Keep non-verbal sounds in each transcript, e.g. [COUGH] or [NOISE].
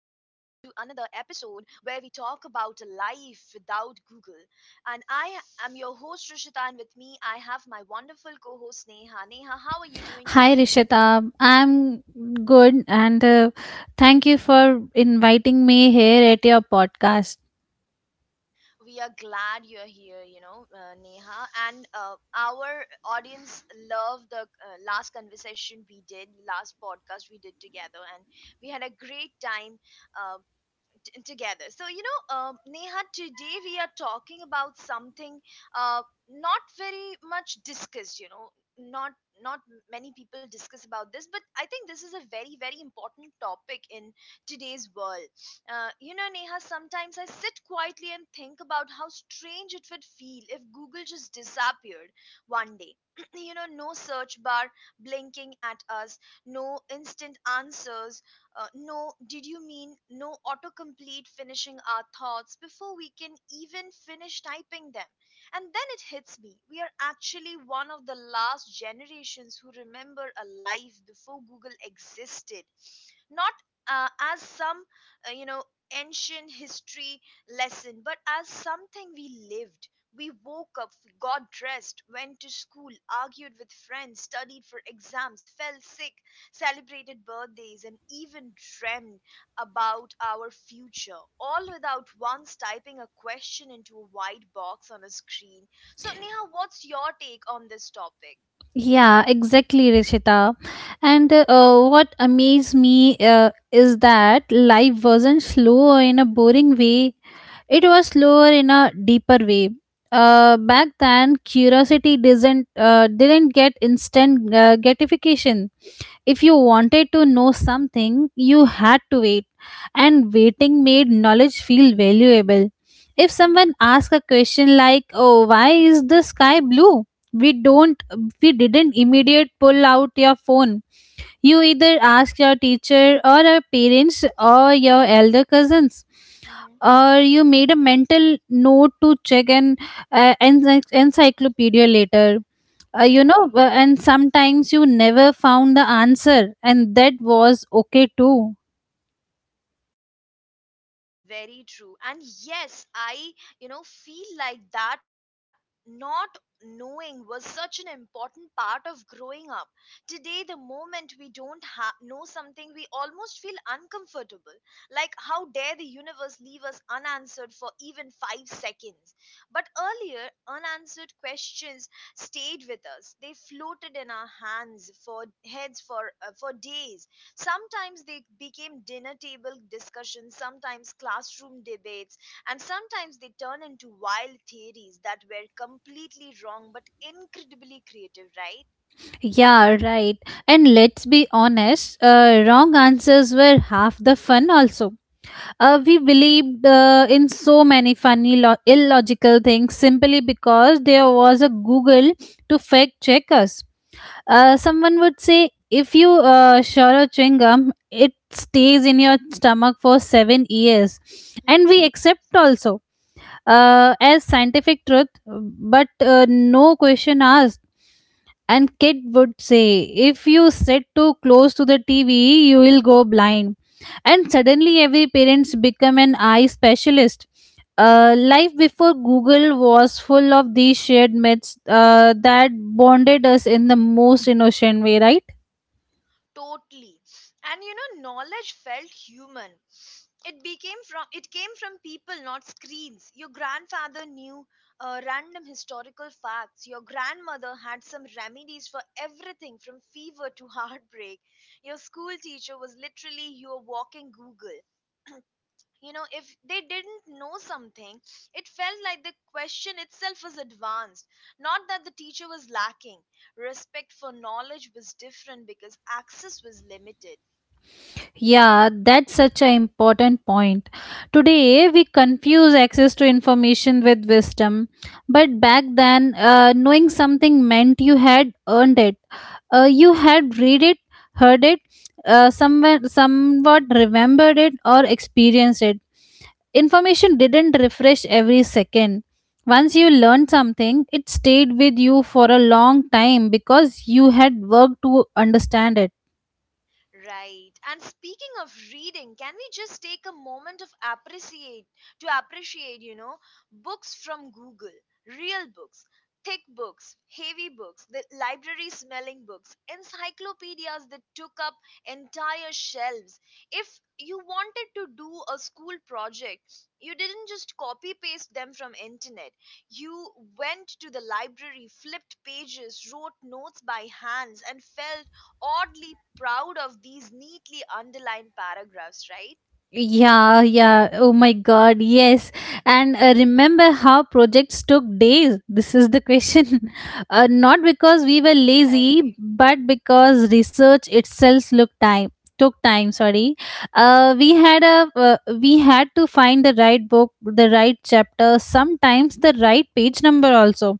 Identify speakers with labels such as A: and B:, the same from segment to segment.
A: about a life without Google. And I am your host, Rishita, and with me I have my wonderful co host, Neha. Neha, how are you doing today?
B: Hi Rishita, I'm good, and thank you for inviting me here at your podcast.
A: We are glad you're here, Neha. And our audience loved the last conversation we did, last podcast we did together, and we had a great time. Uh, together. So, Neha, today we are talking about something uh, not very much discussed, you know, not not many people discuss about this, but I think this is a very important topic in today's world. You know, Neha, sometimes I sit quietly and think about how strange it would feel if Google just disappeared one day. [CLEARS THROAT] You know, no search bar blinking at us, no instant answers, no, did you mean, no autocomplete finishing our thoughts before we can even finish typing them? And then it hits me. We are actually one of the last generations who remember a life before Google existed, not uh, as some uh, you know ancient history lesson, but as something we lived. We woke up, got dressed, went to school, argued with friends, studied for exams, fell sick, celebrated birthdays, and even dreamed about our future, all without once typing a question into a white box on a screen. So Neha, what's your take on this topic?
B: Yeah, exactly Rishita. And what amazed me is that life wasn't slow in a boring way, it was slower in a deeper way. Back then curiosity didn't get instant gratification. If you wanted to know something, you had to wait, and waiting made knowledge feel valuable. If someone asked a question like, "Oh, why is the sky blue?" we don't we didn't immediate pull out your phone. You either ask your teacher or your parents or your elder cousins.
A: Hmm.
B: Or you made a mental note to check an encyclopedia later.
A: Right.
B: And sometimes you never found the answer, and that was okay too.
A: Very true. And yes, I, you know, feel like that not knowing was such an important part of growing up. Today, the moment we don't ha- know something, we almost feel uncomfortable. Like, how dare the universe leave us unanswered for even 5 seconds? But earlier, unanswered questions stayed with us. They floated in our hands for heads for days. Sometimes they became dinner table discussions, sometimes classroom debates, and sometimes they turn into wild theories that were completely wrong but incredibly creative, right?
B: Yeah, right. And let's be honest, wrong answers were half the fun also. We believed in so many funny illogical things simply because there was a Google to fact check us. Someone would say if you swallow chewing gum, it stays in your stomach for 7 years, and
A: Hmm.
B: we accept also as scientific truth, but no question asked. And kid would say, "If you sit too close to the TV, you will go blind." And suddenly, every parents become an eye specialist. Life before Google was full of these shared myths that bonded us in the most innocent way, right?
A: Totally. And you know, knowledge felt human. It came from people, not screens. Your grandfather knew random historical facts. Your grandmother had some remedies for everything from fever to [LAUGHS] heartbreak. Your school teacher was literally your walking Google. You know, if they didn't know something, it felt like the question itself was advanced. Not that the teacher was lacking. Respect for knowledge was different because access was limited.
B: Yeah, that's such an important point. Today, we confuse access to information with wisdom. But back then, knowing something meant you had earned it. You had read it, heard it, someone, somewhat remembered it, or experienced it. Information didn't refresh every second. Once you learned something, it stayed with you for a long time because you had worked to understand it.
A: Right. And speaking of reading, can we just take a moment of appreciate to appreciate, you know, books from Google, real books, thick books, heavy books, the library smelling books, encyclopedias that took up entire shelves. If you wanted to do a school project, you didn't just copy paste them from internet. You went to the library, flipped pages, wrote notes by hands, and felt oddly proud of these neatly underlined paragraphs, right?
B: Yeah, yeah. Oh my God, yes. And remember how projects took days? This is the question. [LAUGHS] Not because we were lazy,
A: Right.
B: but because research itself looked time took time. Sorry. We had a we had to find the right book, the right chapter, sometimes the right page number also.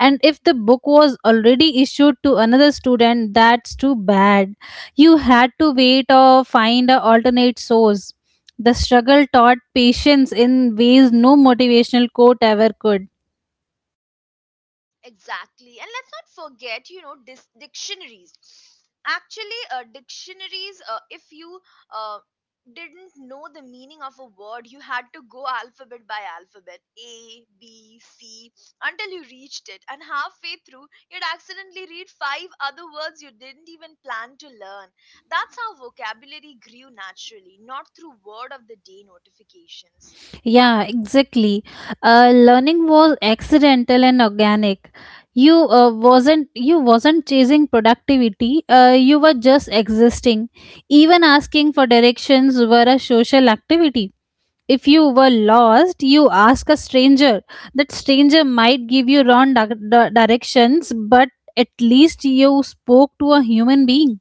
B: And if the book was already issued to another student, that's too bad. You had to wait or find an alternate source. The struggle taught patience in ways no motivational quote ever could.
A: Exactly. And let's not forget, you know, dictionaries. Actually, dictionaries, if you uh, didn't know the meaning of a word, you had to go alphabet by alphabet, A, B, C, until you reached it. And halfway through, you'd accidentally read five other words you didn't even plan to learn. That's how vocabulary grew naturally, not through word of the day notifications.
B: Yeah, exactly. Learning was accidental and organic. You uh, wasn't you wasn't chasing productivity. You were just existing. Even asking for directions were a social activity. If you were lost, you ask a stranger. That stranger might give you wrong directions, but at least you spoke to a human being.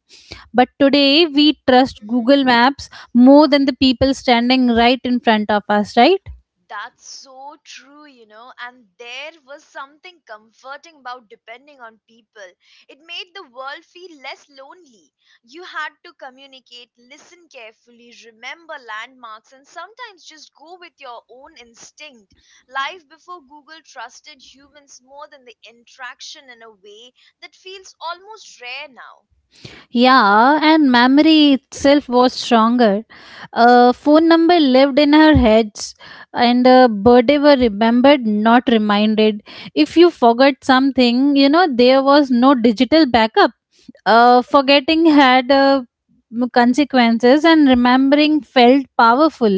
B: But today, we trust Google Maps more than the people standing right in front of us, right?
A: That's so true, you know. And there was something comforting about depending on people. It made the world feel less lonely. You had to communicate, listen carefully, remember landmarks, and sometimes just go with your own instinct. Life before Google trusted humans more than the interaction in a way that feels almost rare now.
B: Yeah, and memory itself was stronger. A phone number lived in her heads, and a birthday were remembered, not reminded. If you forgot something, you know, there was no digital backup. Forgetting had consequences, and remembering felt powerful.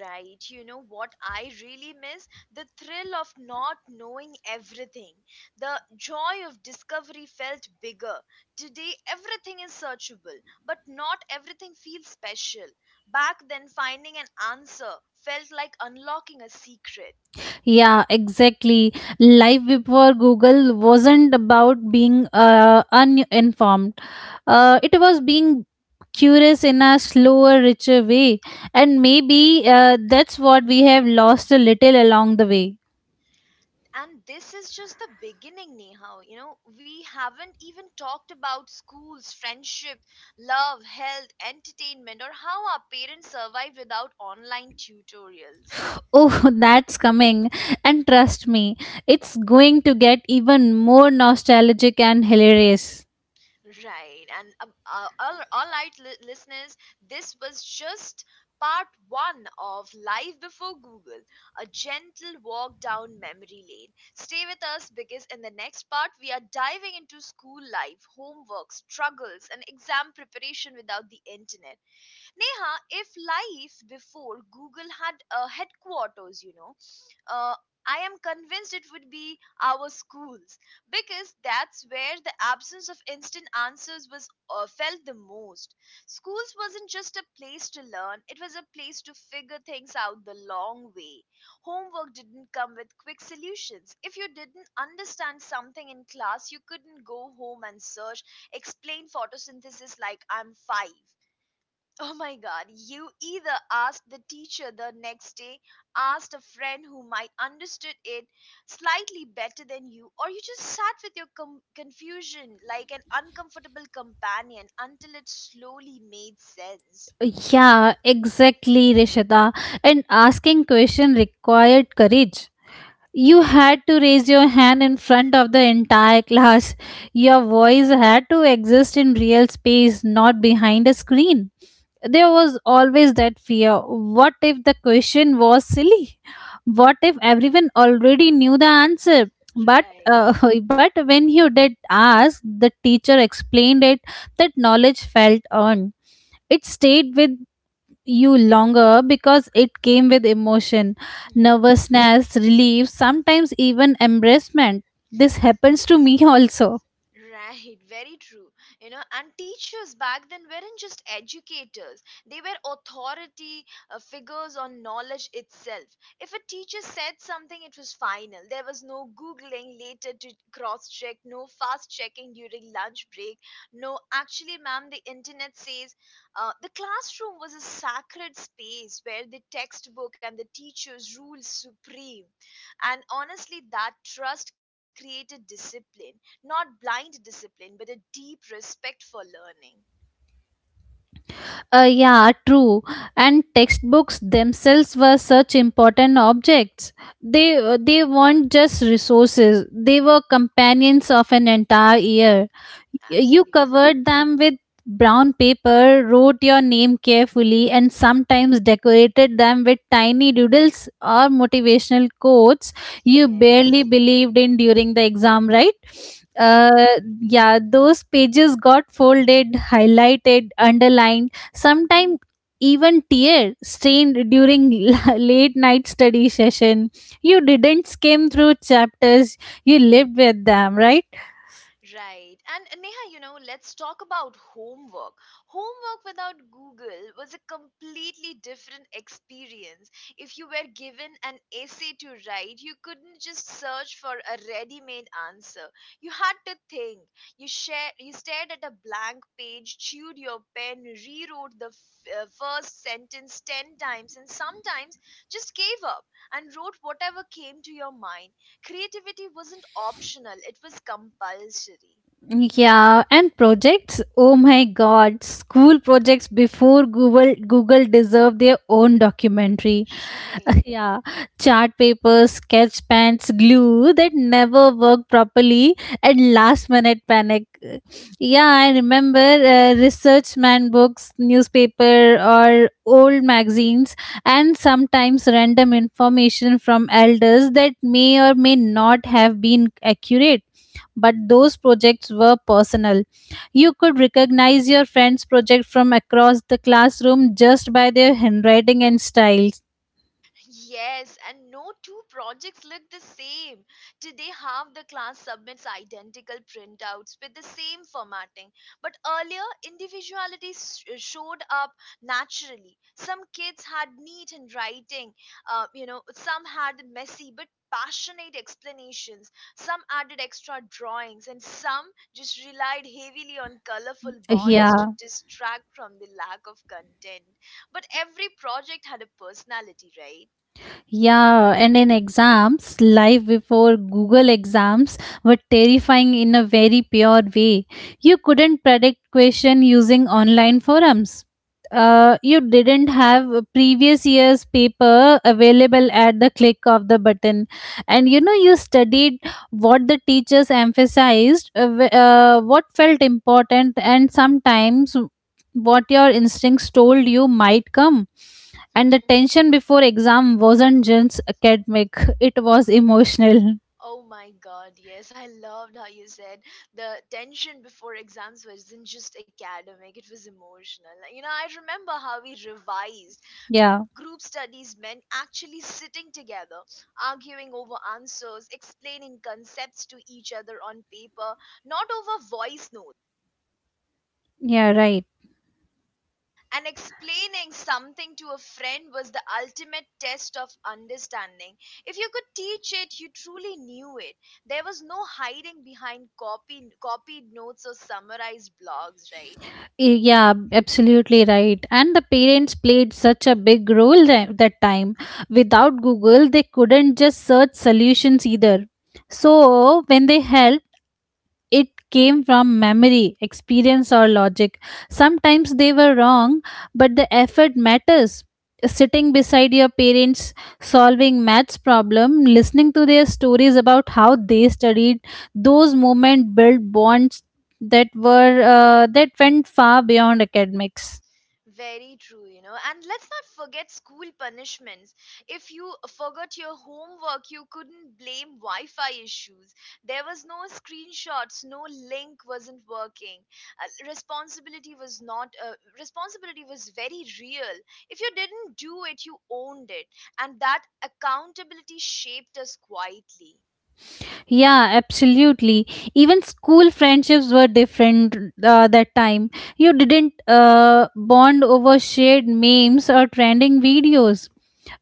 A: Right, you know what I really miss? The thrill of not knowing everything. The joy of discovery felt bigger. Today, everything is searchable, but not everything feels special. Back then, finding an answer felt like unlocking a secret.
B: Yeah, exactly. Life before Google wasn't about being uninformed, it was being curious in a slower, richer way. And maybe that's what we have lost a little along the way.
A: And this is just the beginning, Neha. You know, we haven't even talked about schools, friendships, love, health, entertainment, or how our parents survived without online tutorials.
B: Oh, [LAUGHS] that's coming. And trust me, it's going to get even more nostalgic and hilarious.
A: Right. And all right, listeners, this was just part one of Live Before Google, a gentle walk down memory lane. Stay with us because in the next part, we are diving into school life, homework, struggles, and exam preparation without the internet. Neha, if life before Google had a headquarters, you know, uh, I am convinced it would be our schools, because that's where the absence of instant answers was felt the most. Schools wasn't just a place to learn, it was a place to figure things out the long way. Homework didn't come with quick solutions. If you didn't understand something in class, you couldn't go home and search, explain photosynthesis like I'm five. Oh my god, you either asked the teacher the next day, asked a friend who might understood it slightly better than you, or you just sat with your confusion like an uncomfortable companion until it slowly made sense.
B: Yeah, exactly, Rishita. And asking question required courage. You had to raise your hand in front of the entire class. Your voice had to exist in real space, not behind a screen. There was always that fear. What if the question was silly? What if everyone already knew the answer? But
A: Right.
B: [LAUGHS] but when you did ask, the teacher explained it. That knowledge felt earned. It stayed with you longer because it came with emotion, nervousness, relief, sometimes even embarrassment. This happens to me [LAUGHS] also.
A: Right, very true. You know, and teachers back then weren't just educators, they were authority figures on knowledge itself. If a teacher said something, it was final. There was no Googling later to cross check, no fast checking during lunch break. No, actually, ma'am, the internet says the classroom was a sacred space where the textbook and the teachers ruled supreme. And honestly, that trust created discipline, not blind discipline, but a deep respect for learning.
B: Yeah, true. And textbooks themselves were such important objects. They weren't just resources. They were companions of an entire year. You
A: Absolutely.
B: covered them with brown paper, wrote your name carefully, and sometimes decorated them with tiny doodles or motivational quotes you barely
A: Yes.
B: believed in during the exam, right?
A: [LAUGHS]
B: Uh,
A: Right.
B: yeah, those pages got folded, highlighted, underlined, sometimes even tear stained during [LAUGHS] late night study session. You didn't skim through chapters, you lived with them, right?
A: Right. And Neha, you know, let's talk about homework. Homework without Google was a completely different experience. If you were given an essay to write, you couldn't just search for a ready-made answer. You had to think. You stared at a blank page, chewed your pen, rewrote the first sentence 10 times and sometimes just gave up and wrote whatever came to your mind. Creativity wasn't optional, it was compulsory.
B: Yeah, and projects, oh my God, school projects before Google, Google deserve their own documentary.
A: Right.
B: Yeah, chart paper, sketch pens, glue that never work properly, and last minute panic. Yeah, I remember research man books, newspaper, or old magazines, and sometimes random information from elders that may or may not have been accurate. But those projects were personal. You could recognize your friend's project from across the classroom just by their handwriting and styles.
A: Yes, and no two projects look the same. Today, half the class submits identical printouts with the same formatting, but earlier, individuality showed up naturally. Some kids had neat handwriting, you know, some had messy but passionate explanations, some added extra drawings, and some just relied heavily on colorful
B: Yeah.
A: borders to distract from the lack of content. But every project had a personality, right?
B: Yeah, and in exams, life before Google exams were terrifying in a very pure way. You couldn't predict question using online forums. You didn't have previous year's paper available at the click of the button, and you know you studied what the teachers emphasized, what felt important, and sometimes what your instincts told you might come. And the
A: Mhm.
B: tension before exam wasn't just academic, [LAUGHS] it was emotional.
A: Oh my god, yes, I loved how you said the tension before exams wasn't just academic, it was emotional. You know, I remember how we revised.
B: Yeah.
A: Group studies meant actually sitting together, arguing over answers, explaining concepts to each other on paper, not over voice notes.
B: Yeah, right.
A: And explaining something to a friend was the ultimate test of understanding. If you could teach it, you truly knew it. There was no hiding behind copied notes or summarized blogs, right?
B: Yeah, absolutely right. And the parents played such a big role that time. Without Google, they couldn't just search solutions either. So when they helped, it came from memory, experience, or logic. Sometimes they were wrong, but the effort matters. Sitting beside your parents, solving maths problem, listening to their stories about how they studied, those moments built bonds that went far beyond academics.
A: Very true, you know. And let's not forget school punishments. If you forgot your homework, you couldn't blame Wi Fi issues. There was no screenshots, no link wasn't working. Uh, responsibility was not, uh, Responsibility was very real. If you didn't do it, you owned it. And that accountability shaped us quietly.
B: Yeah, absolutely. Even school friendships were different that time. You didn't bond over shared memes or trending videos.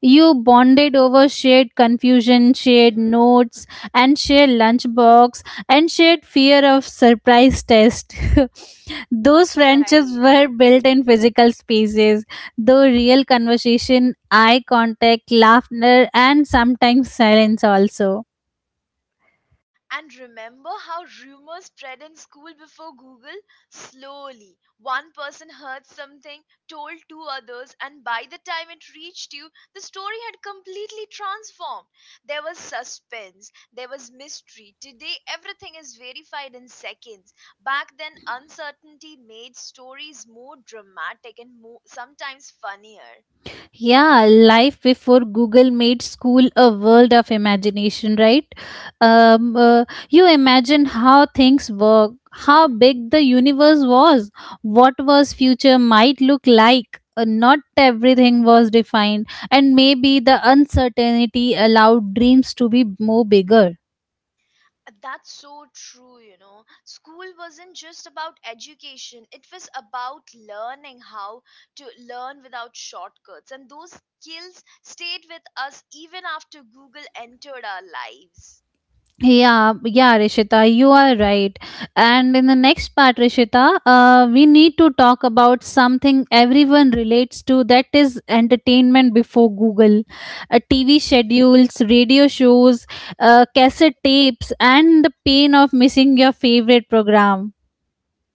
B: You bonded over shared confusion, shared
A: Hmm.
B: notes, and shared lunchbox, and shared fear of surprise test. [LAUGHS] Those
A: [LAUGHS]
B: friendships
A: Right.
B: were built in physical spaces, though real conversation, eye contact, laughter, and sometimes silence also.
A: And remember how rumors spread in school before Google? Slowly. One person heard something, told two others, and by the time it reached you, the story had completely transformed. There was suspense, there was mystery. Today, everything is verified in seconds. Back then, uncertainty made stories more dramatic and more, sometimes funnier.
B: Yeah, life before Google made school a world of imagination, right? You imagine how things work, how
A: [LAUGHS]
B: big the universe was, what was future might look like. Not everything was defined, and maybe the uncertainty allowed dreams to be more bigger.
A: That's so true, you know. School wasn't just about education, it was about learning how to learn without shortcuts. And those skills stayed with us even after Google entered our lives.
B: Yeah, yeah, Rishita, you are right. And in the next part, Rishita, we need to talk about something everyone relates to, that is entertainment before Google. TV schedules, radio shows, cassette tapes, and the pain of missing your favorite program.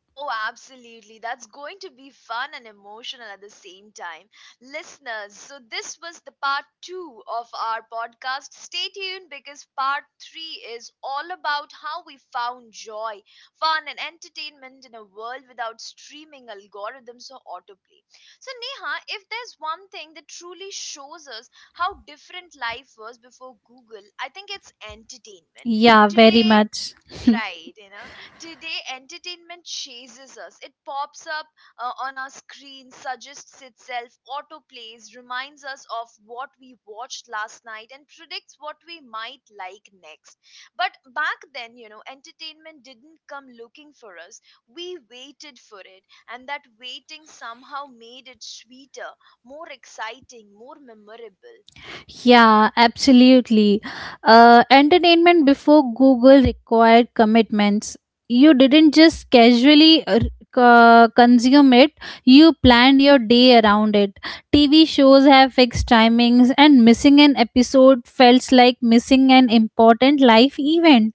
A: Oh, absolutely. That's going to be fun and emotional at the same time. Listeners, so this was the part two of our podcast. Stay tuned because part three is all about how we found joy, fun, and entertainment in a world without streaming algorithms or autoplay. So, Neha, if there's one thing that truly shows us how different life was before Google, I think it's entertainment.
B: Yeah, very
A: Today,
B: much.
A: right, you know. Today, entertainment chases us. It pops up on our screen, suggests itself, autoplays, reminds us of what we watched last night, and predicts what we might like next. But back then, you know, entertainment didn't come looking for us. We waited for it, and that waiting somehow made it sweeter, more exciting, more memorable.
B: Yeah, absolutely. Entertainment before Google required commitments. You didn't just casually consume it, you planned your day around it. TV shows have fixed timings, and missing an episode felt like missing an important life event.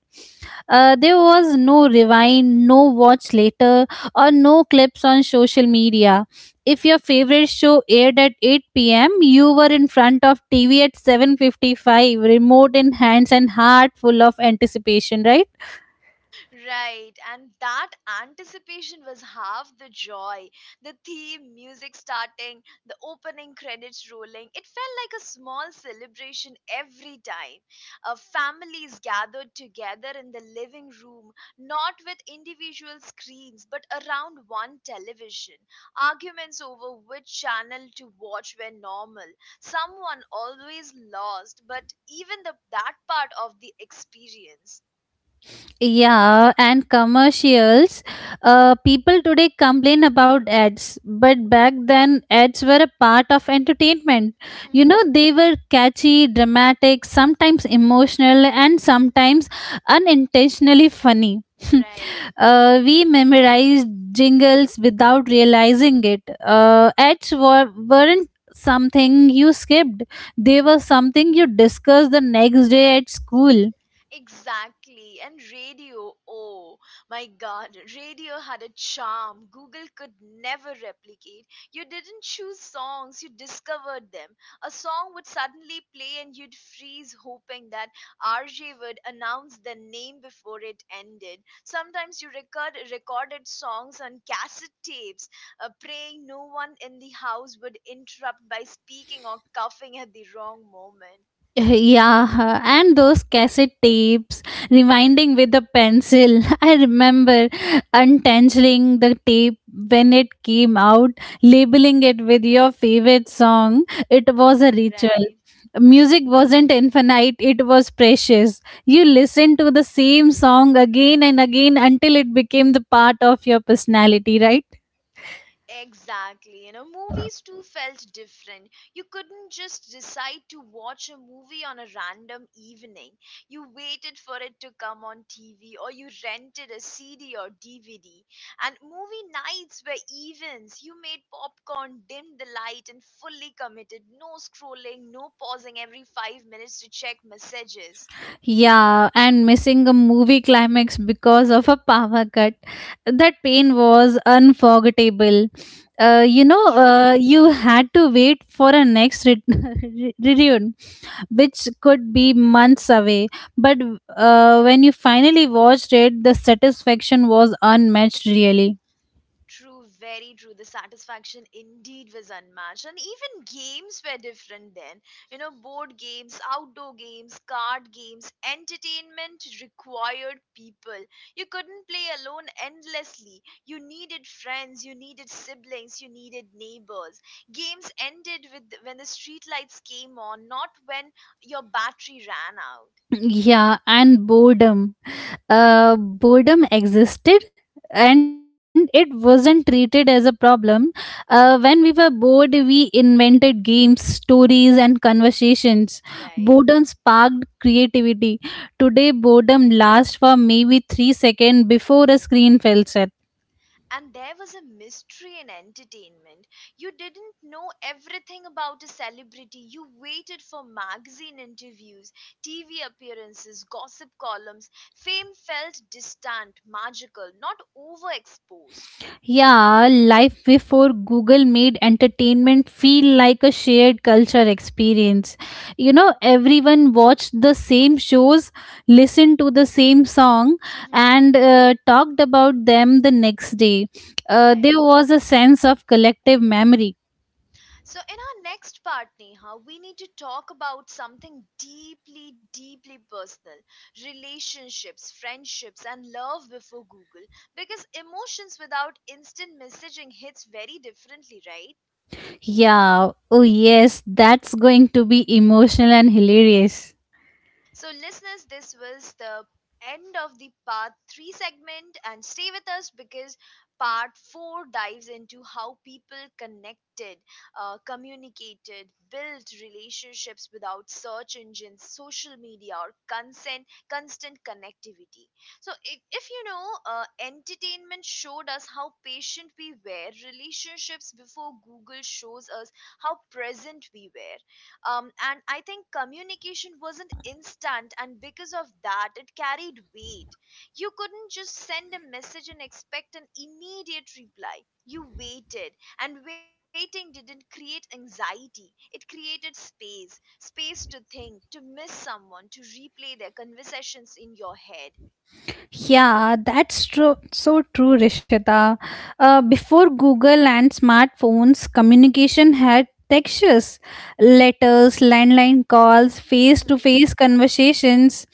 B: There was no rewind, no watch later, or no clips on social media. If your favorite show aired at 8 p.m., you were in front of TV at 7:55, remote in hands and heart full of anticipation, right?
A: Right, and that anticipation was half the joy. The theme, music starting, the opening credits rolling, it felt like a small celebration every time. Families gathered together in the living room, not with individual screens but around one television. Arguments over which channel to watch were normal. Someone always lost, but even the, that part of the experience.
B: Yeah, and commercials. People today complain about ads, but back then ads were a part of entertainment. You know,
A: [LAUGHS]
B: they were catchy, dramatic, sometimes emotional, and sometimes unintentionally funny.
A: Right.
B: We memorized jingles without realizing it. Ads were, weren't something you skipped, they were something you discussed the next day at school.
A: Exactly. And radio, oh my god, radio had a charm Google could never replicate. You didn't choose songs, you discovered them. A song would suddenly play and you'd freeze hoping that RJ would announce the name before it ended. Sometimes you recorded songs on cassette tapes, praying no one in the house would interrupt by speaking or coughing at the wrong moment.
B: Yeah, and those cassette tapes, rewinding with a pencil. [LAUGHS] I remember untangling the tape when it came out, labeling it with your favorite song. It was a ritual.
A: Right.
B: Music wasn't infinite, it was precious. You listened to the same song again and again until it became the part of your personality, right?
A: Exactly. You know, movies too felt different. You couldn't just decide to watch a movie on a random evening. You waited for it to come on TV or you rented a CD or DVD. And movie nights were events. You made popcorn, dimmed the light, and fully committed. No scrolling, no pausing every 5 minutes to check messages.
B: Yeah, and missing a movie climax because of a power cut. That pain was unforgettable.
A: True.
B: You had to wait for a next [LAUGHS] re- reunion, which could be months away. But when you finally watched it, the satisfaction was unmatched, really.
A: True, very true. The satisfaction indeed was unmatched. And even games were different then. You know, board games, outdoor games, card games, entertainment required people. You couldn't play alone endlessly. You needed friends, you needed siblings, you needed neighbors. Games ended with when the streetlights came on, not when your battery ran out.
B: Yeah, and boredom. Boredom existed, and it wasn't treated as a problem. When we were bored, we invented games, stories, and conversations.
A: Right.
B: Boredom sparked creativity. Today, boredom lasts for maybe 3 seconds before a screen fills in.
A: And there was a mystery in entertainment. You didn't know everything about a celebrity. You waited for magazine interviews, TV appearances, gossip columns. Fame felt distant, magical, not overexposed.
B: Yeah, life before Google made entertainment feel like a shared culture experience. You know, everyone watched the same shows, listened to the same song, and talked about them the next day.
A: [LAUGHS]
B: There
A: Right.
B: was a sense of collective memory.
A: So, in our next part, Neha, we need to talk about something deeply, deeply personal, relationships, friendships, and love before Google. Because emotions without instant messaging hits very differently, right?
B: Yeah, oh yes, that's going to be emotional and hilarious.
A: So, listeners, this was the end of the part 3 segment, and stay with us because part 4 dives into how people connected, communicated, built relationships without search engines, social media, or consent, constant connectivity. So, if you know, entertainment showed us how patient we were, relationships before Google shows us how present we were, and I think communication wasn't instant, and because of that it carried weight. You couldn't just send a message and expect an immediate reply. You waited, and waiting didn't create anxiety, it created space, space to think, to miss someone, to replay their conversations in your head.
B: Yeah, that's true. So true, Rishita. Before Google and smartphones, communication had textures, letters, landline calls, face to face
A: [LAUGHS]
B: conversations.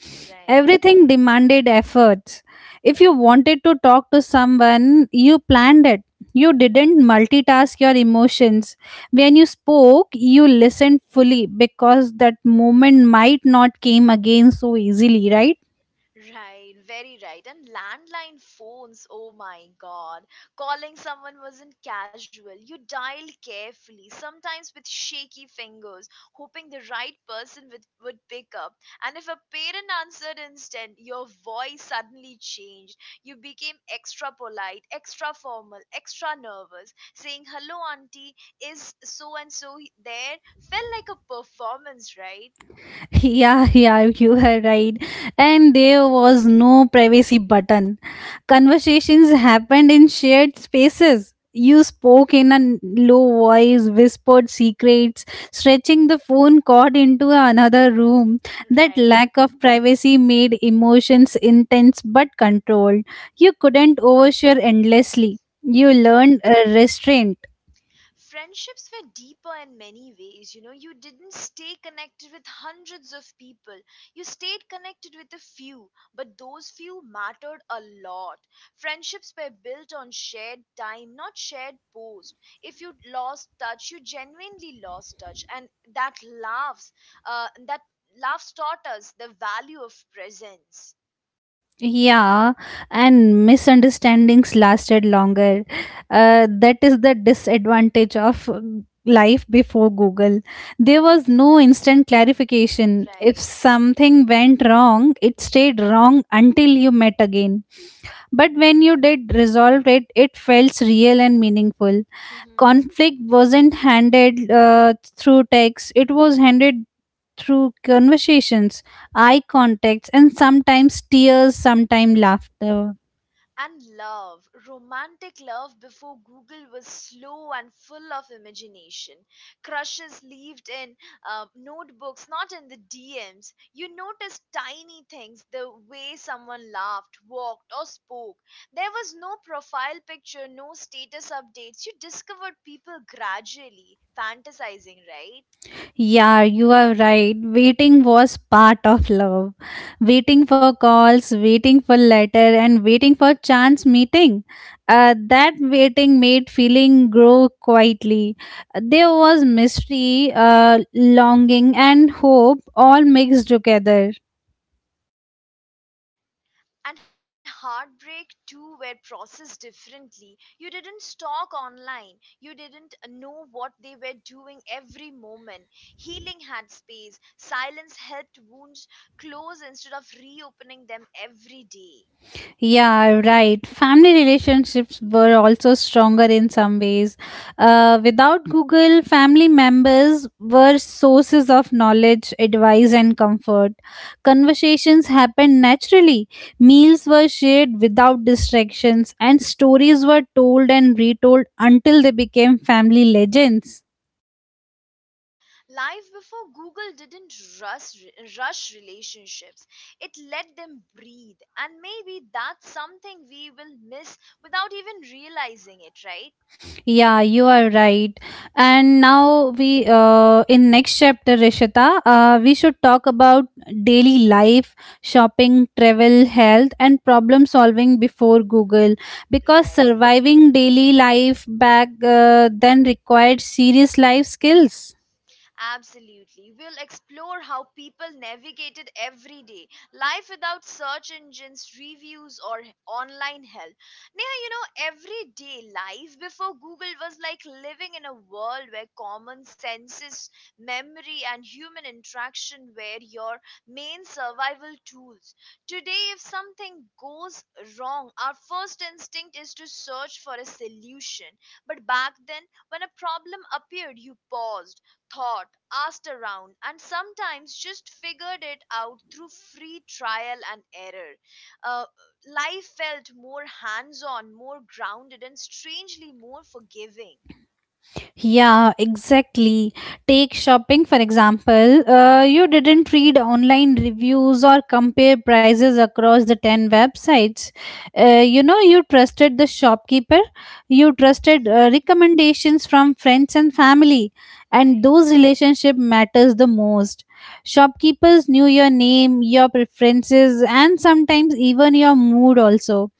B: Everything demanded efforts. If you wanted to talk to someone, you planned it. You didn't multitask your emotions. When you spoke, you listened fully because that moment might not came again so easily, right?
A: Right, very right. And landline phones, oh my god. Calling someone wasn't casual. You dialed carefully, sometimes with shaky fingers, hoping the right person would pick up. And if a parent answered instead, your voice suddenly changed. You became extra polite, extra formal, extra nervous. Saying, hello, auntie, is so and so there felt like a performance, right?
B: [LAUGHS] Yeah, yeah, you were right. And there was no privacy button. Conversations happened in shared spaces. You spoke in a low voice, whispered secrets, stretching the phone cord into another room. That
A: Right.
B: lack of privacy made emotions intense but controlled. You couldn't overshare endlessly. You
A: [LAUGHS]
B: learned a restraint.
A: Friendships were deeper in many ways, you know, you didn't stay connected with hundreds of people. You stayed connected with a few, but those few mattered a lot. Friendships were built on shared time, not shared posts. If you lost touch, you genuinely lost touch, and that laughs, that laughs taught us the value of presence.
B: Yeah, and misunderstandings lasted longer. That is the disadvantage of life before Google. There was no instant clarification.
A: Yeah.
B: If
A: Right.
B: something went wrong, it stayed wrong until you met again. But when you did resolve it, it felt real and meaningful.
A: [LAUGHS]
B: Conflict wasn't handled through text, it was handled through conversations, eye contacts, and sometimes tears, sometimes laughter.
A: And love, romantic love before Google was slow and full of imagination. Crushes lived in notebooks, not in the DMs. You noticed tiny things, the way someone laughed, walked, or spoke. There was no profile picture, no status updates. You discovered people gradually, fantasizing, right?
B: Yeah, you are right. Waiting was part of love, waiting for calls, waiting for letter, and waiting for chance meeting. That waiting made feeling grow quietly. There was mystery, longing, and hope all mixed together.
A: And heartbreak too were processed differently. You didn't stalk online. You didn't know what they were doing every moment. Healing had space. Silence helped wounds close instead of reopening them every day.
B: Yeah, right. Family relationships were also stronger in some ways. Without Google, family members were sources of knowledge, advice, and comfort. Conversations happened naturally, meals were shared without distractions, and stories were told and retold until they became family legends.
A: Life before Google didn't rush, rush relationships. It let them breathe. And maybe that's something we will miss without even realizing it, right?
B: Yeah, you are right. And now we in next chapter, Rishita, we should talk about daily life, shopping, travel, health, and problem solving before Google, because
A: Right.
B: surviving daily life back then required serious life skills.
A: Absolutely. We'll explore how people navigated everyday life without search engines, reviews, or online help. Neha, you know, everyday life before Google was like living in a world where common senses, memory, and human interaction were your main survival tools. Today, if something goes wrong, our first instinct is to search for a solution. But back then, when a problem appeared, you paused, thought, asked around, and sometimes just figured it out through free trial and error. Uh, Life felt more hands on, more grounded, and strangely more forgiving.
B: Yeah, exactly. Take shopping, for example. You didn't read online reviews or compare prices across the 10 websites. You trusted the shopkeeper, you trusted
A: [LAUGHS]
B: recommendations from friends and family, and
A: Right.
B: those relationship matters the most. Shopkeepers knew your name, your preferences, and sometimes even your mood also.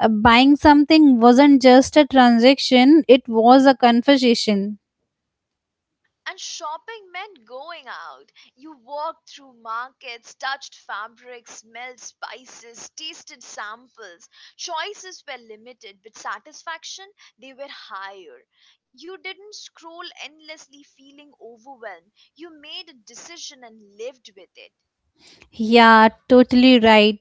B: Buying something wasn't just a transaction, it was a conversation.
A: And shopping meant going out. You walked through markets, touched fabrics, smelled spices, tasted samples. Choices were limited, but satisfaction, they were higher. You didn't scroll endlessly feeling overwhelmed. You made a decision and lived with it.
B: Yeah, totally right.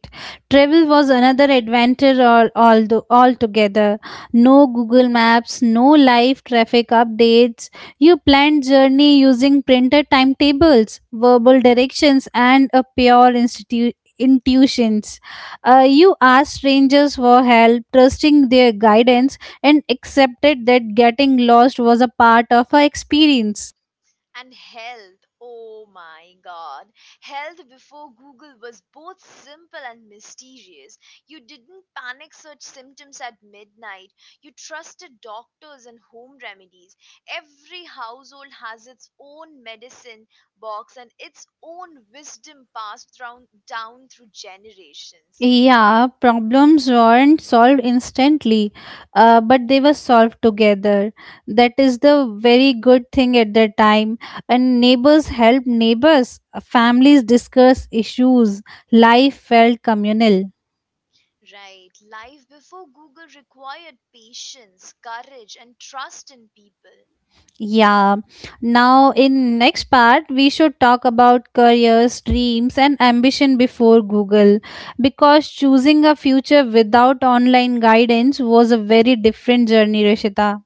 B: Travel was another adventure all altogether. No Google Maps, no live traffic updates. You planned journey using printed timetables, verbal directions, and a pure intuitions. You asked strangers for help, trusting their guidance, and accepted that getting lost was a part of our experience.
A: And health, oh my god. Health before Google was both simple and mysterious. You didn't panic search symptoms at midnight. You trusted doctors and home remedies. Every household has its own medicine box and its own wisdom passed down through generations.
B: Yeah, problems weren't solved instantly, but they were solved together. That is the very good thing at the time. And neighbors help neighbors, families discuss issues, life felt communal.
A: Right. Life before Google required patience, courage, and trust in people.
B: Yeah. Now, in next part, we should talk about careers, dreams, and ambition before Google, because choosing a future without online guidance was a very different journey, Rishita.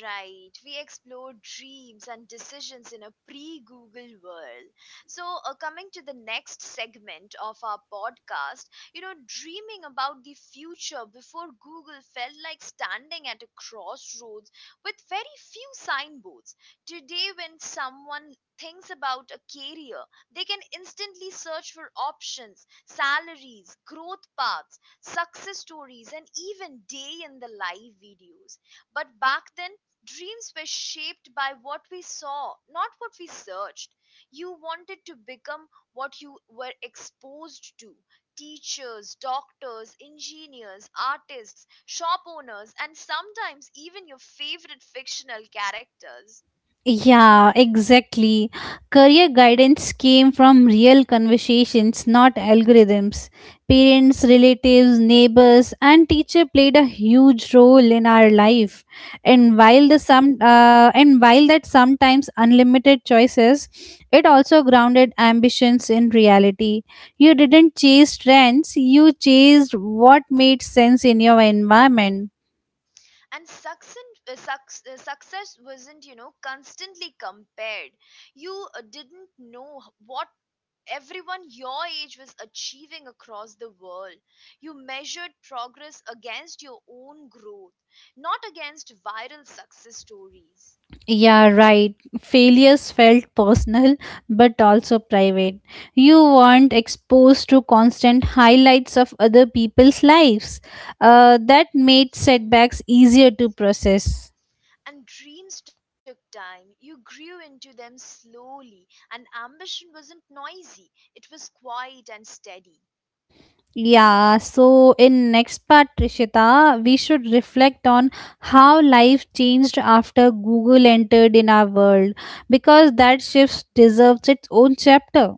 A: Right, we explore dreams and decisions in a pre Google world. So, coming to the next segment of our podcast, you know, dreaming about the future before Google felt like standing at a crossroads with very few signboards. Today, when someone thinks about a career, they can instantly search for options, salaries, growth paths, success stories, and even day in the life videos. But back then, dreams were shaped by what we saw, not what we searched. You wanted to become what you were exposed to, teachers, doctors, engineers, artists, shop owners, and sometimes even your favorite fictional characters.
B: Yeah, exactly. Career guidance came from real conversations, not algorithms. Parents, relatives, neighbors, and teacher played a huge role in our life. And
A: Mhm.
B: while the some uh, and while that sometimes unlimited choices, it also grounded ambitions in reality. You didn't chase trends; you chased what made sense in your environment.
A: And success, success wasn't, you know, constantly compared. You didn't know what everyone your age was achieving across the world. You measured progress against your own growth, not against viral success stories.
B: Yeah, right. Failures felt personal but also private. You weren't exposed to constant highlights of other people's lives. That made
A: Mhm.
B: setbacks easier to process.
A: And dreams took time. You grew into them slowly, and ambition wasn't noisy, it was quiet and steady.
B: Yeah, so in next part, Trishita, we should reflect on how life changed after Google entered in our world, because that shift deserves its own chapter.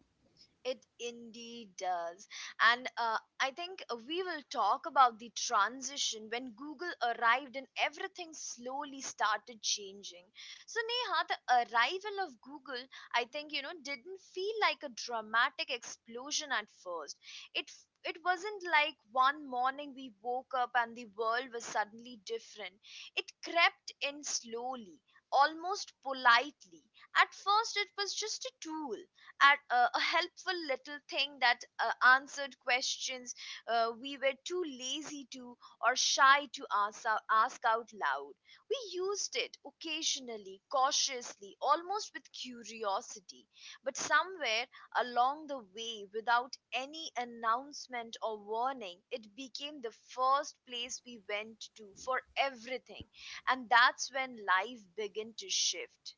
A: It indeed does. And I think we will talk about the transition when Google arrived and everything slowly started changing. So, Neha, the arrival of Google, I think, you know, didn't feel like a dramatic explosion at first. It wasn't like one morning we woke up and the world was suddenly different. It crept in slowly, almost politely. At first, it was just a tool, at a helpful little thing that answered questions we were too lazy to or shy to ask, ask out loud. We used it occasionally, cautiously, almost with curiosity, but somewhere along the way, without any announcement or warning, it became the first place we went to for everything, and that's when life began to shift.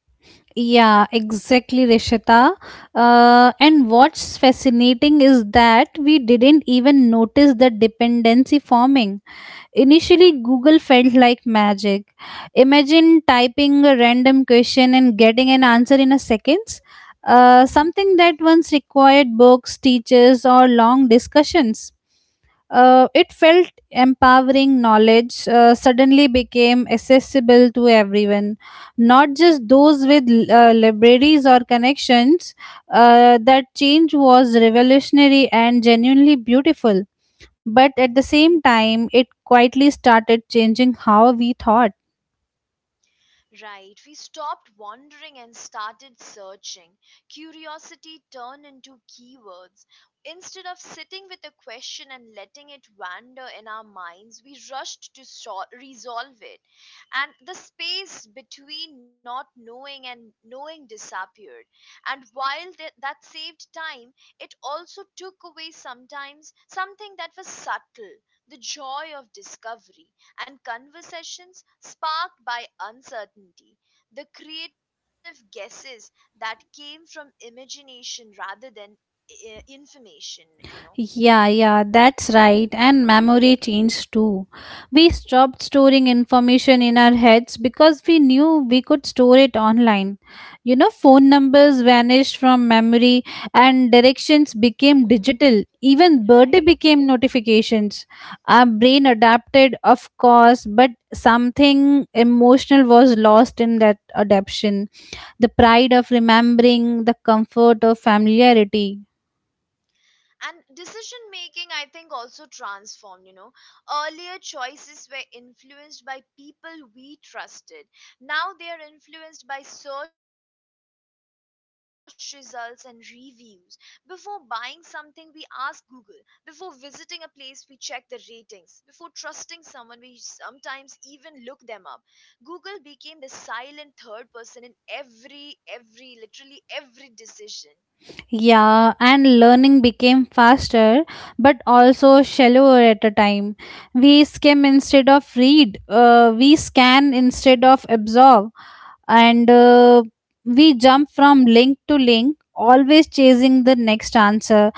B: Yeah, exactly, Rishita. And what's fascinating is that we didn't even notice the dependency forming. Initially, Google felt like magic. Imagine typing a random question and getting an answer in a seconds. Something that once required books, teachers, or long discussions. It felt empowering knowledge suddenly became accessible to everyone, not just those with libraries or connections. That change was revolutionary and genuinely beautiful, but at the same time, it quietly started changing how we thought.
A: Right, we stopped wandering and started searching. Curiosity turned into keywords. Instead of sitting with a question and letting it wander in our minds, we rushed to resolve it. And the space between not knowing and knowing disappeared. And while that saved time, it also took away sometimes something that was subtle, the joy of discovery and conversations sparked by uncertainty, the creative guesses that came from imagination rather than information, you know.
B: Yeah, yeah, that's right. And memory changed too. We stopped storing information in our heads because we knew we could store it online. Phone numbers vanished from memory and directions became
A: [LAUGHS]
B: digital. Even birthday
A: Right.
B: became notifications. Our brain adapted, of course, but something emotional was lost in that adaptation: the pride of remembering, the comfort of familiarity.
A: And decision making, I think, also transformed, you know, earlier choices were influenced by people we trusted. Now they are influenced by search results and reviews. Before buying something, we ask Google. Before visiting a place, we check the ratings. Before trusting someone, we sometimes even look them up. Google became the silent third person in every literally every decision.
B: Yeah, and learning became faster but also shallower at a time. We skim instead of read, we scan instead of absorb, and we jump from link to link, always chasing the next answer.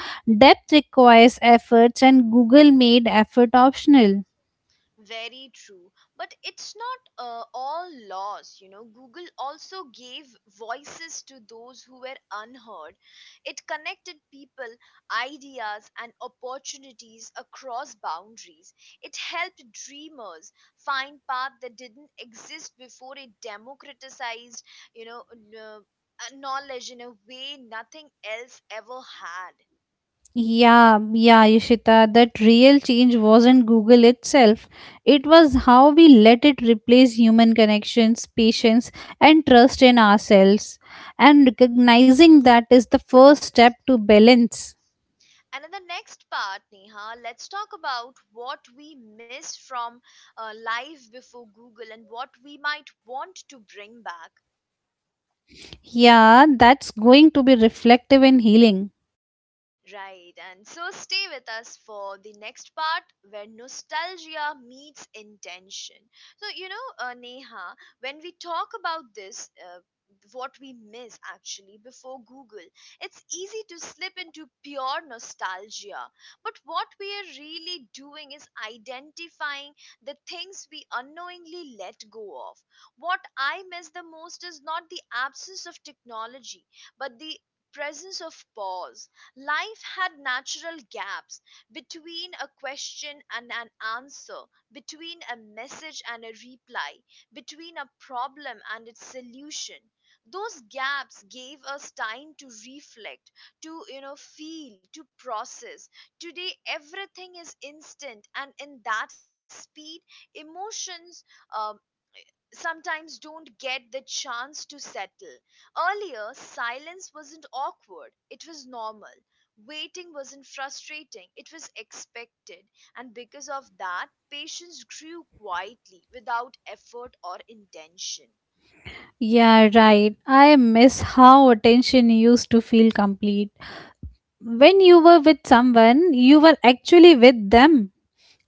B: Depth requires efforts, and Google made effort optional.
A: Very true. But it's not all lost. You know, Google also gave voices to those who were unheard. It connected people, ideas, and opportunities across boundaries. It helped dreamers find paths that didn't exist before. It democratized, you know, knowledge in a way nothing else ever had.
B: Yeah, yeah, Ishita, that real change wasn't Google itself. It was how we let it replace human connections, patience, and trust in ourselves. And recognizing that is the first step to balance.
A: And in the next part, Neha, let's talk about what we miss from life before Google and what we might want to bring back.
B: Yeah, that's going to be reflective in healing.
A: Right, and so stay with us for the next part where nostalgia meets intention. So, you know, Neha, when we talk about this, what we miss actually before Google, it's easy to slip into pure nostalgia. But what we are really doing is identifying the things we unknowingly let go of. What I miss the most is not the absence of technology, but the presence of pause. Life had natural gaps between a question and an answer, between a message and a reply, between a problem and its solution. Those gaps gave us time to reflect, to, you know, feel, to process. Today everything is instant, and in that speed emotions um, sometimes don't get the chance to settle. Earlier, silence wasn't awkward, it was normal. Waiting wasn't frustrating, it was expected. And because of that, patience grew quietly without effort or intention.
B: Yeah, right. I miss how attention used to feel complete. When you were with someone, you were actually with them.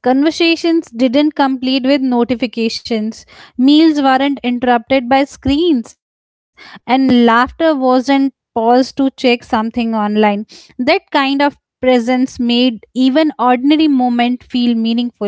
B: Conversations didn't complete with notifications, meals weren't interrupted by screens, and laughter wasn't paused to check something online. That kind of presence made even ordinary moment feel meaningful.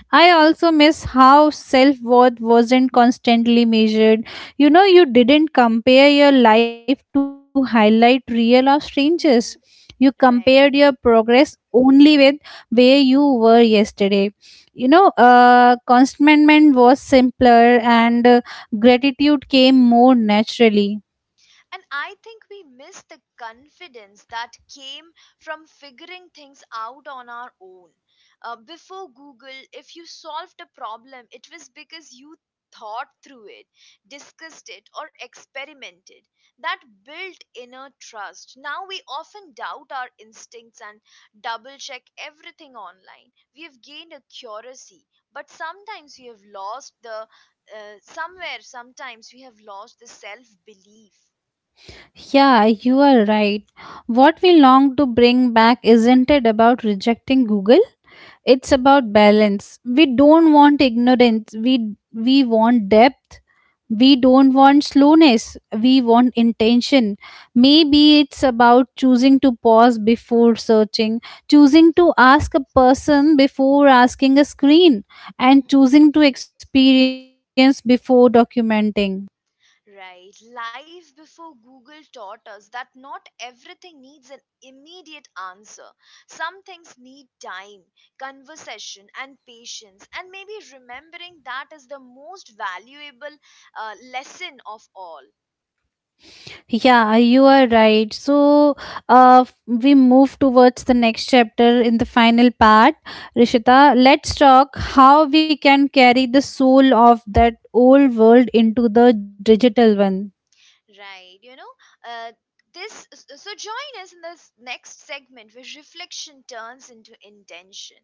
B: I also miss how self worth wasn't constantly measured. You didn't compare your life to highlight real or strangers. You compared
A: [LAUGHS]
B: your
A: Right.
B: progress only with where you were yesterday. Contentment was simpler and gratitude came more naturally.
A: And I think we miss the confidence that came from figuring things out on our own. Before Google, if you solved a problem, it was because you thought through it, discussed it, or experimented. That built inner trust. Now we often doubt our instincts and double check everything online. We have gained a curiosity, but sometimes we have lost the self belief.
B: Yeah, you are right. What we long to bring back isn't it about rejecting Google, it's about balance. We don't want ignorance, we want depth. We don't want slowness, we want intention. Maybe it's about choosing to pause before searching, choosing to ask a person before asking a screen, and
A: Mhm.
B: choosing to experience before documenting.
A: Right. Life before Google taught us that not everything needs an immediate answer. Some things need time, conversation, and patience. And maybe remembering that is the most valuable lesson of all.
B: Yeah, you are right. So we move towards the next chapter in the final part, Rishita. Let's talk how we can carry the soul of that old world into the digital one.
A: Right, you know, uh, so join us in this next segment where reflection turns into intention.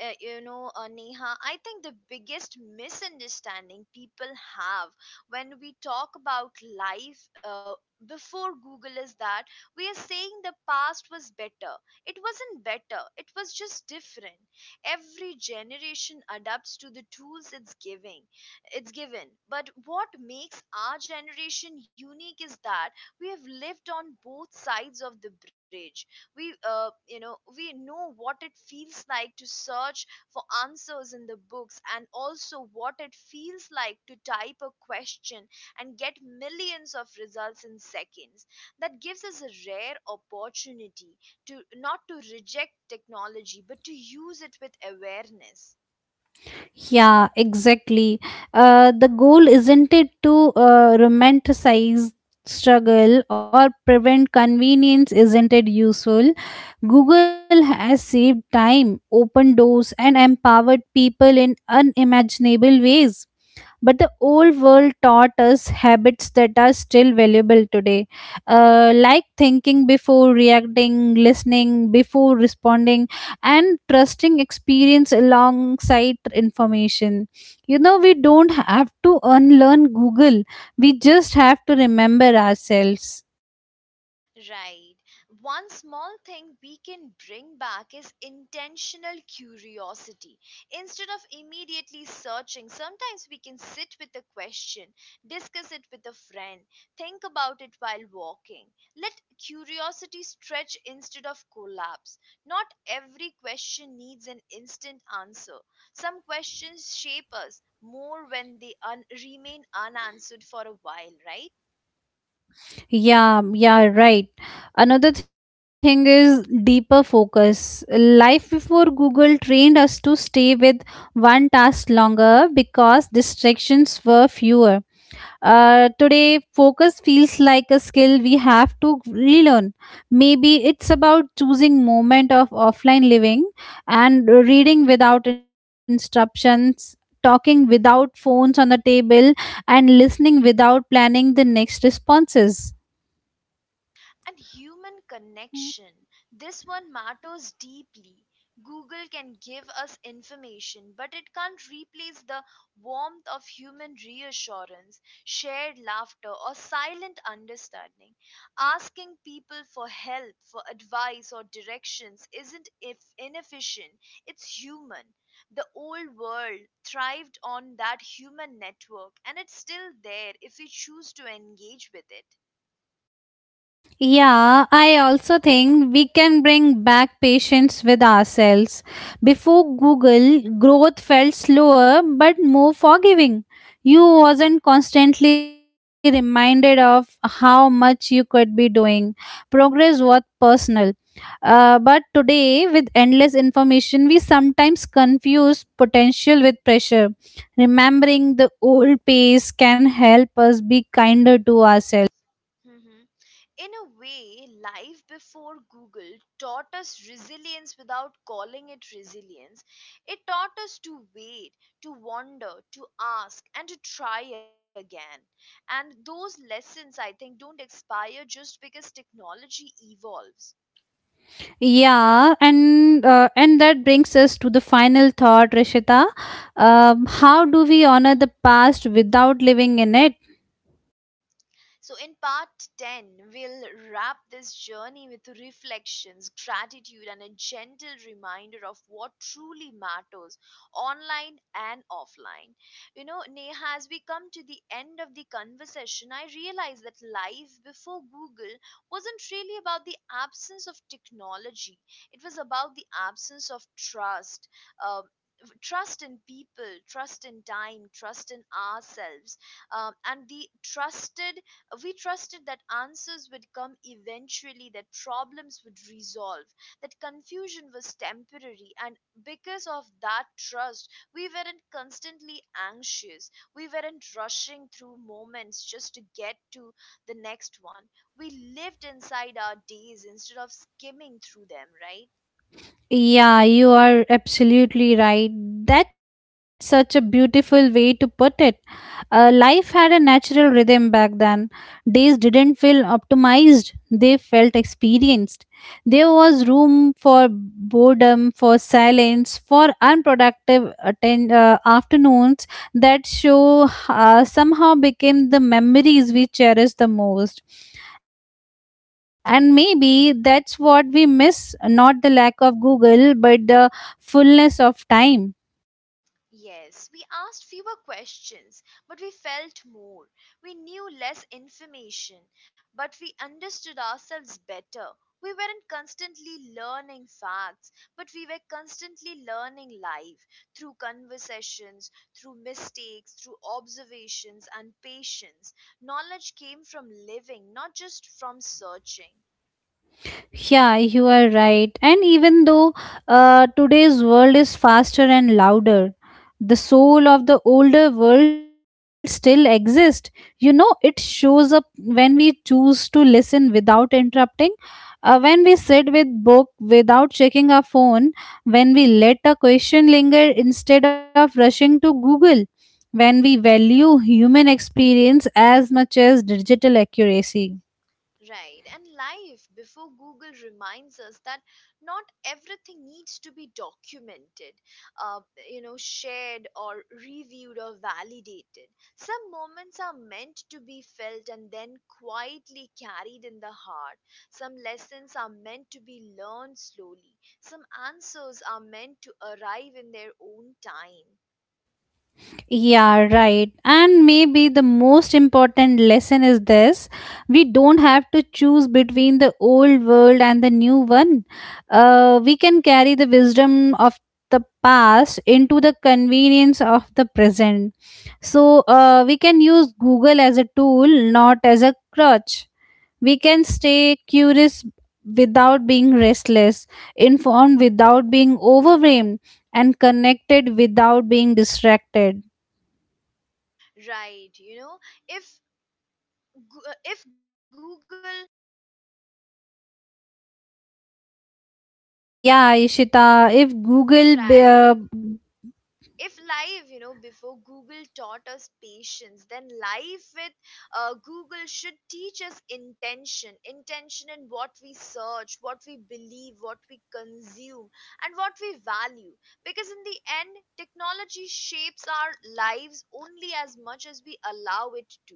A: You know, Neha, I think the biggest misunderstanding people have when we talk about life before Google is that we are saying the past was better. It wasn't better, it was just different. Every generation adapts to the tools it's giving it's given. But what makes our generation unique is that we have lived on both sides of the bridge. We know what it feels like to search for answers in the books, and also what it feels like to type a question and get millions of results in seconds. That gives us a rare opportunity to not to reject technology, but to use it with awareness.
B: Yeah, exactly. The goal isn't it to romanticize struggle or prevent convenience, isn't it useful? Google has saved time, opened doors, and empowered people in unimaginable ways, but the old world taught us habits that are still valuable today, like thinking before reacting, listening before responding, and trusting experience alongside information. We don't have to unlearn Google, we just have to remember ourselves.
A: Right. One small thing we can bring back is intentional curiosity. Instead of immediately searching, sometimes we can sit with a question, discuss it with a friend, think about it while walking. Let curiosity stretch instead of collapse. Not every question needs an instant answer. Some questions shape us more when remain unanswered for a while, right?
B: Yeah, yeah, right. Another thing is deeper focus. Life before Google trained us to stay with one task longer because distractions were fewer. Today, focus feels like a skill we have to relearn. Maybe it's about choosing moment of offline living and reading without instructions, talking without phones on the table, and listening without planning the next responses.
A: And human connection. This one matters deeply. Google can give us information, but it can't replace the warmth of human reassurance, shared laughter, or silent understanding. Asking people for help, for advice, or directions isn't if inefficient, it's human. The old world thrived on that human network, and it's still there if we choose to engage with it.
B: Yeah, I also think we can bring back patience with ourselves. Before Google, growth felt slower but more forgiving. You wasn't constantly reminded of how much you could be doing. Progress was personal. But today, with endless information, we sometimes confuse potential with pressure. Remembering the old pace can help us be kinder to ourselves.
A: [LAUGHS] In a way, life before Google taught us resilience without calling it resilience. It taught us to wait, to wander, to ask, and to try again. And those lessons, I think, don't expire just because technology evolves.
B: Yeah, and that brings us to the final thought, Rishita. How do we honor the
A: [LAUGHS]
B: past without living in it?
A: So, in part 10, we'll wrap this journey with reflections, gratitude, and a gentle reminder of what truly matters online and offline. You know, Neha, as we come to the end of the conversation, I realize that life before Google wasn't really about the absence of technology, it was about the absence of trust, uh, trust in people, trust in time, trust in ourselves, and the trusted we trusted that answers would come eventually, that problems would resolve, that confusion was temporary, and because of that trust, we weren't constantly anxious, we weren't rushing through moments just to get to the next one. We lived inside our days instead of skimming through them, right?
B: Yeah, you are absolutely right. That's such a beautiful way to put it. Life had a natural rhythm back then. Days didn't feel optimized, they felt experienced. There was room for boredom, for silence, for unproductive afternoons that show somehow became the memories we cherish the most. And maybe that's what we miss, not the lack of Google, but the fullness of time.
A: Yes, we asked fewer questions, but we felt more. We knew less information, but we understood ourselves better. We weren't constantly learning facts, but we were constantly learning life through conversations, through mistakes, through observations and patience. Knowledge came from living, not just from searching.
B: Yeah, you are right. And even though today's world is faster and louder, the soul of the older world still exists. It shows up when we choose to listen without interrupting, when we sit with book without checking our phone, when we let a question linger instead of rushing to Google, when we value human experience as much as digital accuracy.
A: Right, and life before Google reminds us that not everything needs to be documented, uh, you know, shared or reviewed or validated. Some moments are meant to be felt and then quietly carried in the heart. Some lessons are meant to be learned slowly. Some answers are meant to arrive in their own time.
B: Yeah, right. And maybe the most important lesson is this: we don't have to choose between the old world and the new one. We can carry the wisdom of the past into the convenience of the present. So we can use Google as a tool, not as a crutch. We can stay curious without being restless, informed without being overwhelmed, and connected without being distracted.
A: Right, you know, if if Google,
B: Yeah, Ishita, if Google, be-
A: right, if life, you know, before Google taught us patience, then life with Google should teach us intention, intention in what we search, what we believe, what we consume, and what we value, because in the end technology shapes our lives only as much as we allow it to.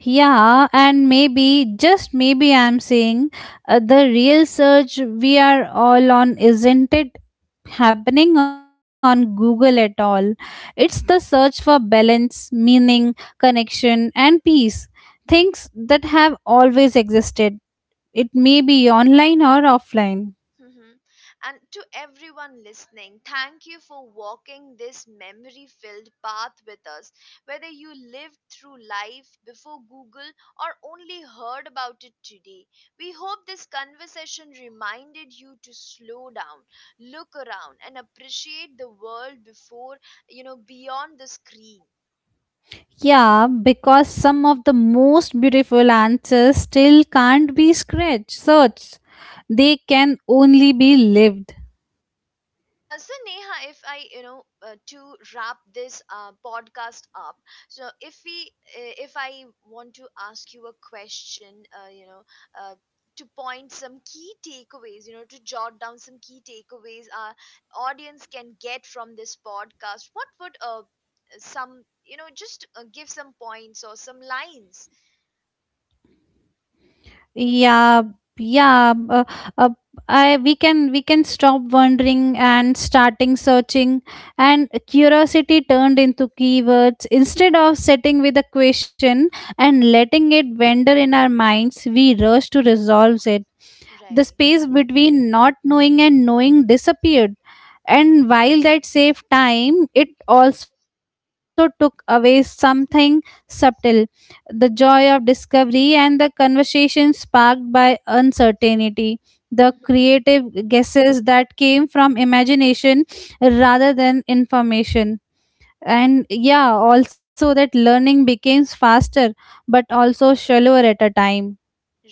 B: yeah, and maybe, just maybe I'm saying the real search we are all on isn't it happening on Google at all. It's the search for balance, meaning, connection, and peace. Things that have always existed. It may be online or offline.
A: Mhm. And to everyone listening, thank you for walking this memory filled path with us. Whether you lived through life before Google or only heard about it today, we hope this conversation reminded you to slow down, look around, and appreciate the world before, you know, beyond the screen.
B: Yeah, because some of the most beautiful answers still can't be scratched, searched. They can only be lived.
A: So Neha, if I, you know, to wrap this podcast up, so if I want to ask you a question, uh, to point some key takeaways, you know, to jot down some key takeaways our audience can get from this podcast, what would some, you know, just give some points or some lines,
B: Yeah, yeah. Uh, I we can stop wondering and starting searching, and curiosity turned into keywords instead of sitting with a question and
A: Mhm.
B: letting it wander in our minds. We rush to resolve it. The
A: Right?
B: space between not knowing and knowing disappeared. And while that saved time, it also took away something subtle: the joy of discovery and the conversation sparked by uncertainty. The creative guesses that came from imagination rather than information. And yeah, also that learning becomes faster but also shallower at a time.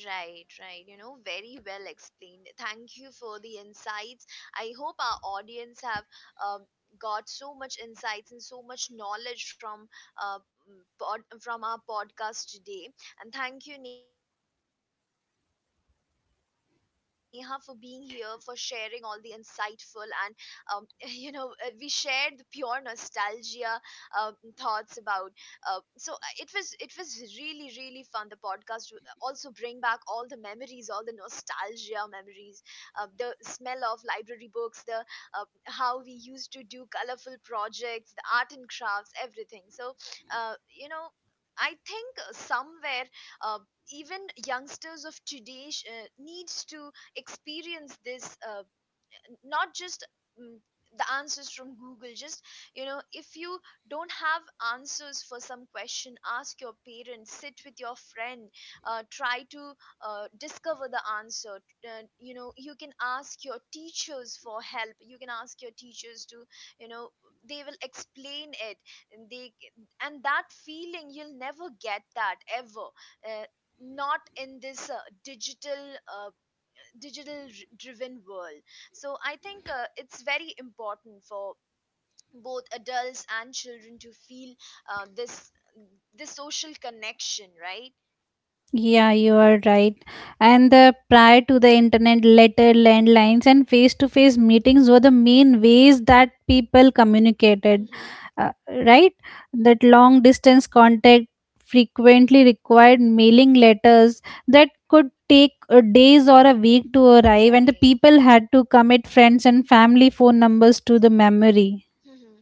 A: Right, right. You know, very well explained. Thank you for the insights. I hope our audience have um, got so much insights and so much knowledge from from our podcast today. And thank you, Neha, for being here, for sharing all the insightful and um, [LAUGHS] we shared the pure nostalgia uh, thoughts about. Uh, it was it was really really fun, the podcast also bring back all the memories, all the nostalgia memories, the smell of library books, the uh, how we used to do colorful projects, the art and crafts, everything. So you know, I think somewhere, uh, even youngsters of today needs to experience this, not just mm, the answers from Google. Just you know, if you don't have answers for some question, ask your parents, sit with your friend, try to discover the answer. You know, you can ask your teachers for help, you can ask your teachers to, you know, they will explain it, and they, and that feeling you'll never get that ever, uh, not in this digital uh, driven world. So I think it's very important for both adults and children to feel this, this social connection, right?
B: Yeah, you are right. And the prior to the internet, letter, landlines, and face-to-face meetings were the main ways that people communicated.
A: Hmm.
B: Uh, right? That long distance contact frequently required mailing letters that could take days or a week to arrive, and the
A: Right.
B: people had to commit friends and family phone numbers to the memory.
A: Hmm.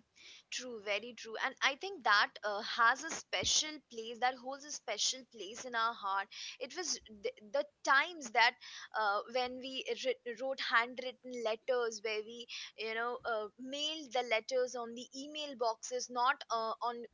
A: True, very true. And I think that has a special place, that holds a special place in our heart. It was the times that when wrote handwritten letters, where we, you know, mailed the letters on the email boxes, not on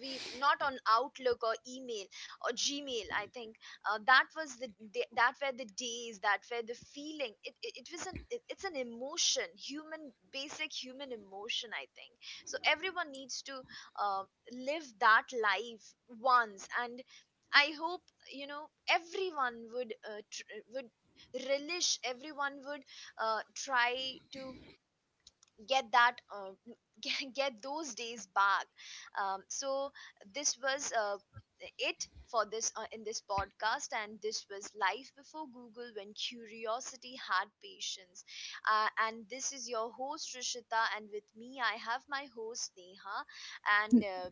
A: we not on Outlook or email or Gmail. I think that was that were the days, that were the feeling, it was it's an emotion, human basic human emotion, I think. So everyone needs to uh, live that life once, and I hope, you know, everyone would would relish, everyone would uh, try to get that [LAUGHS] get those days back. Um, so this was it for this in this podcast, and this was life before Google, when curiosity had patience. And this is your host Rishita, and with me I have my host Neha. And uh,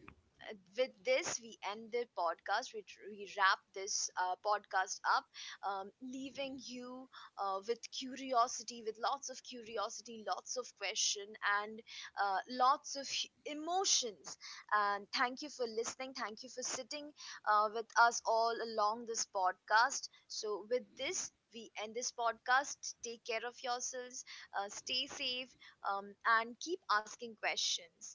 A: uh, with this we end the podcast. We wrap this podcast up, leaving you with curiosity, with lots of curiosity, lots of question, and lots of emotions. And thank you for listening. Thank you for sitting with us all along this podcast. So, with this, we end this podcast. Take care of yourselves, stay safe, um, and keep asking questions.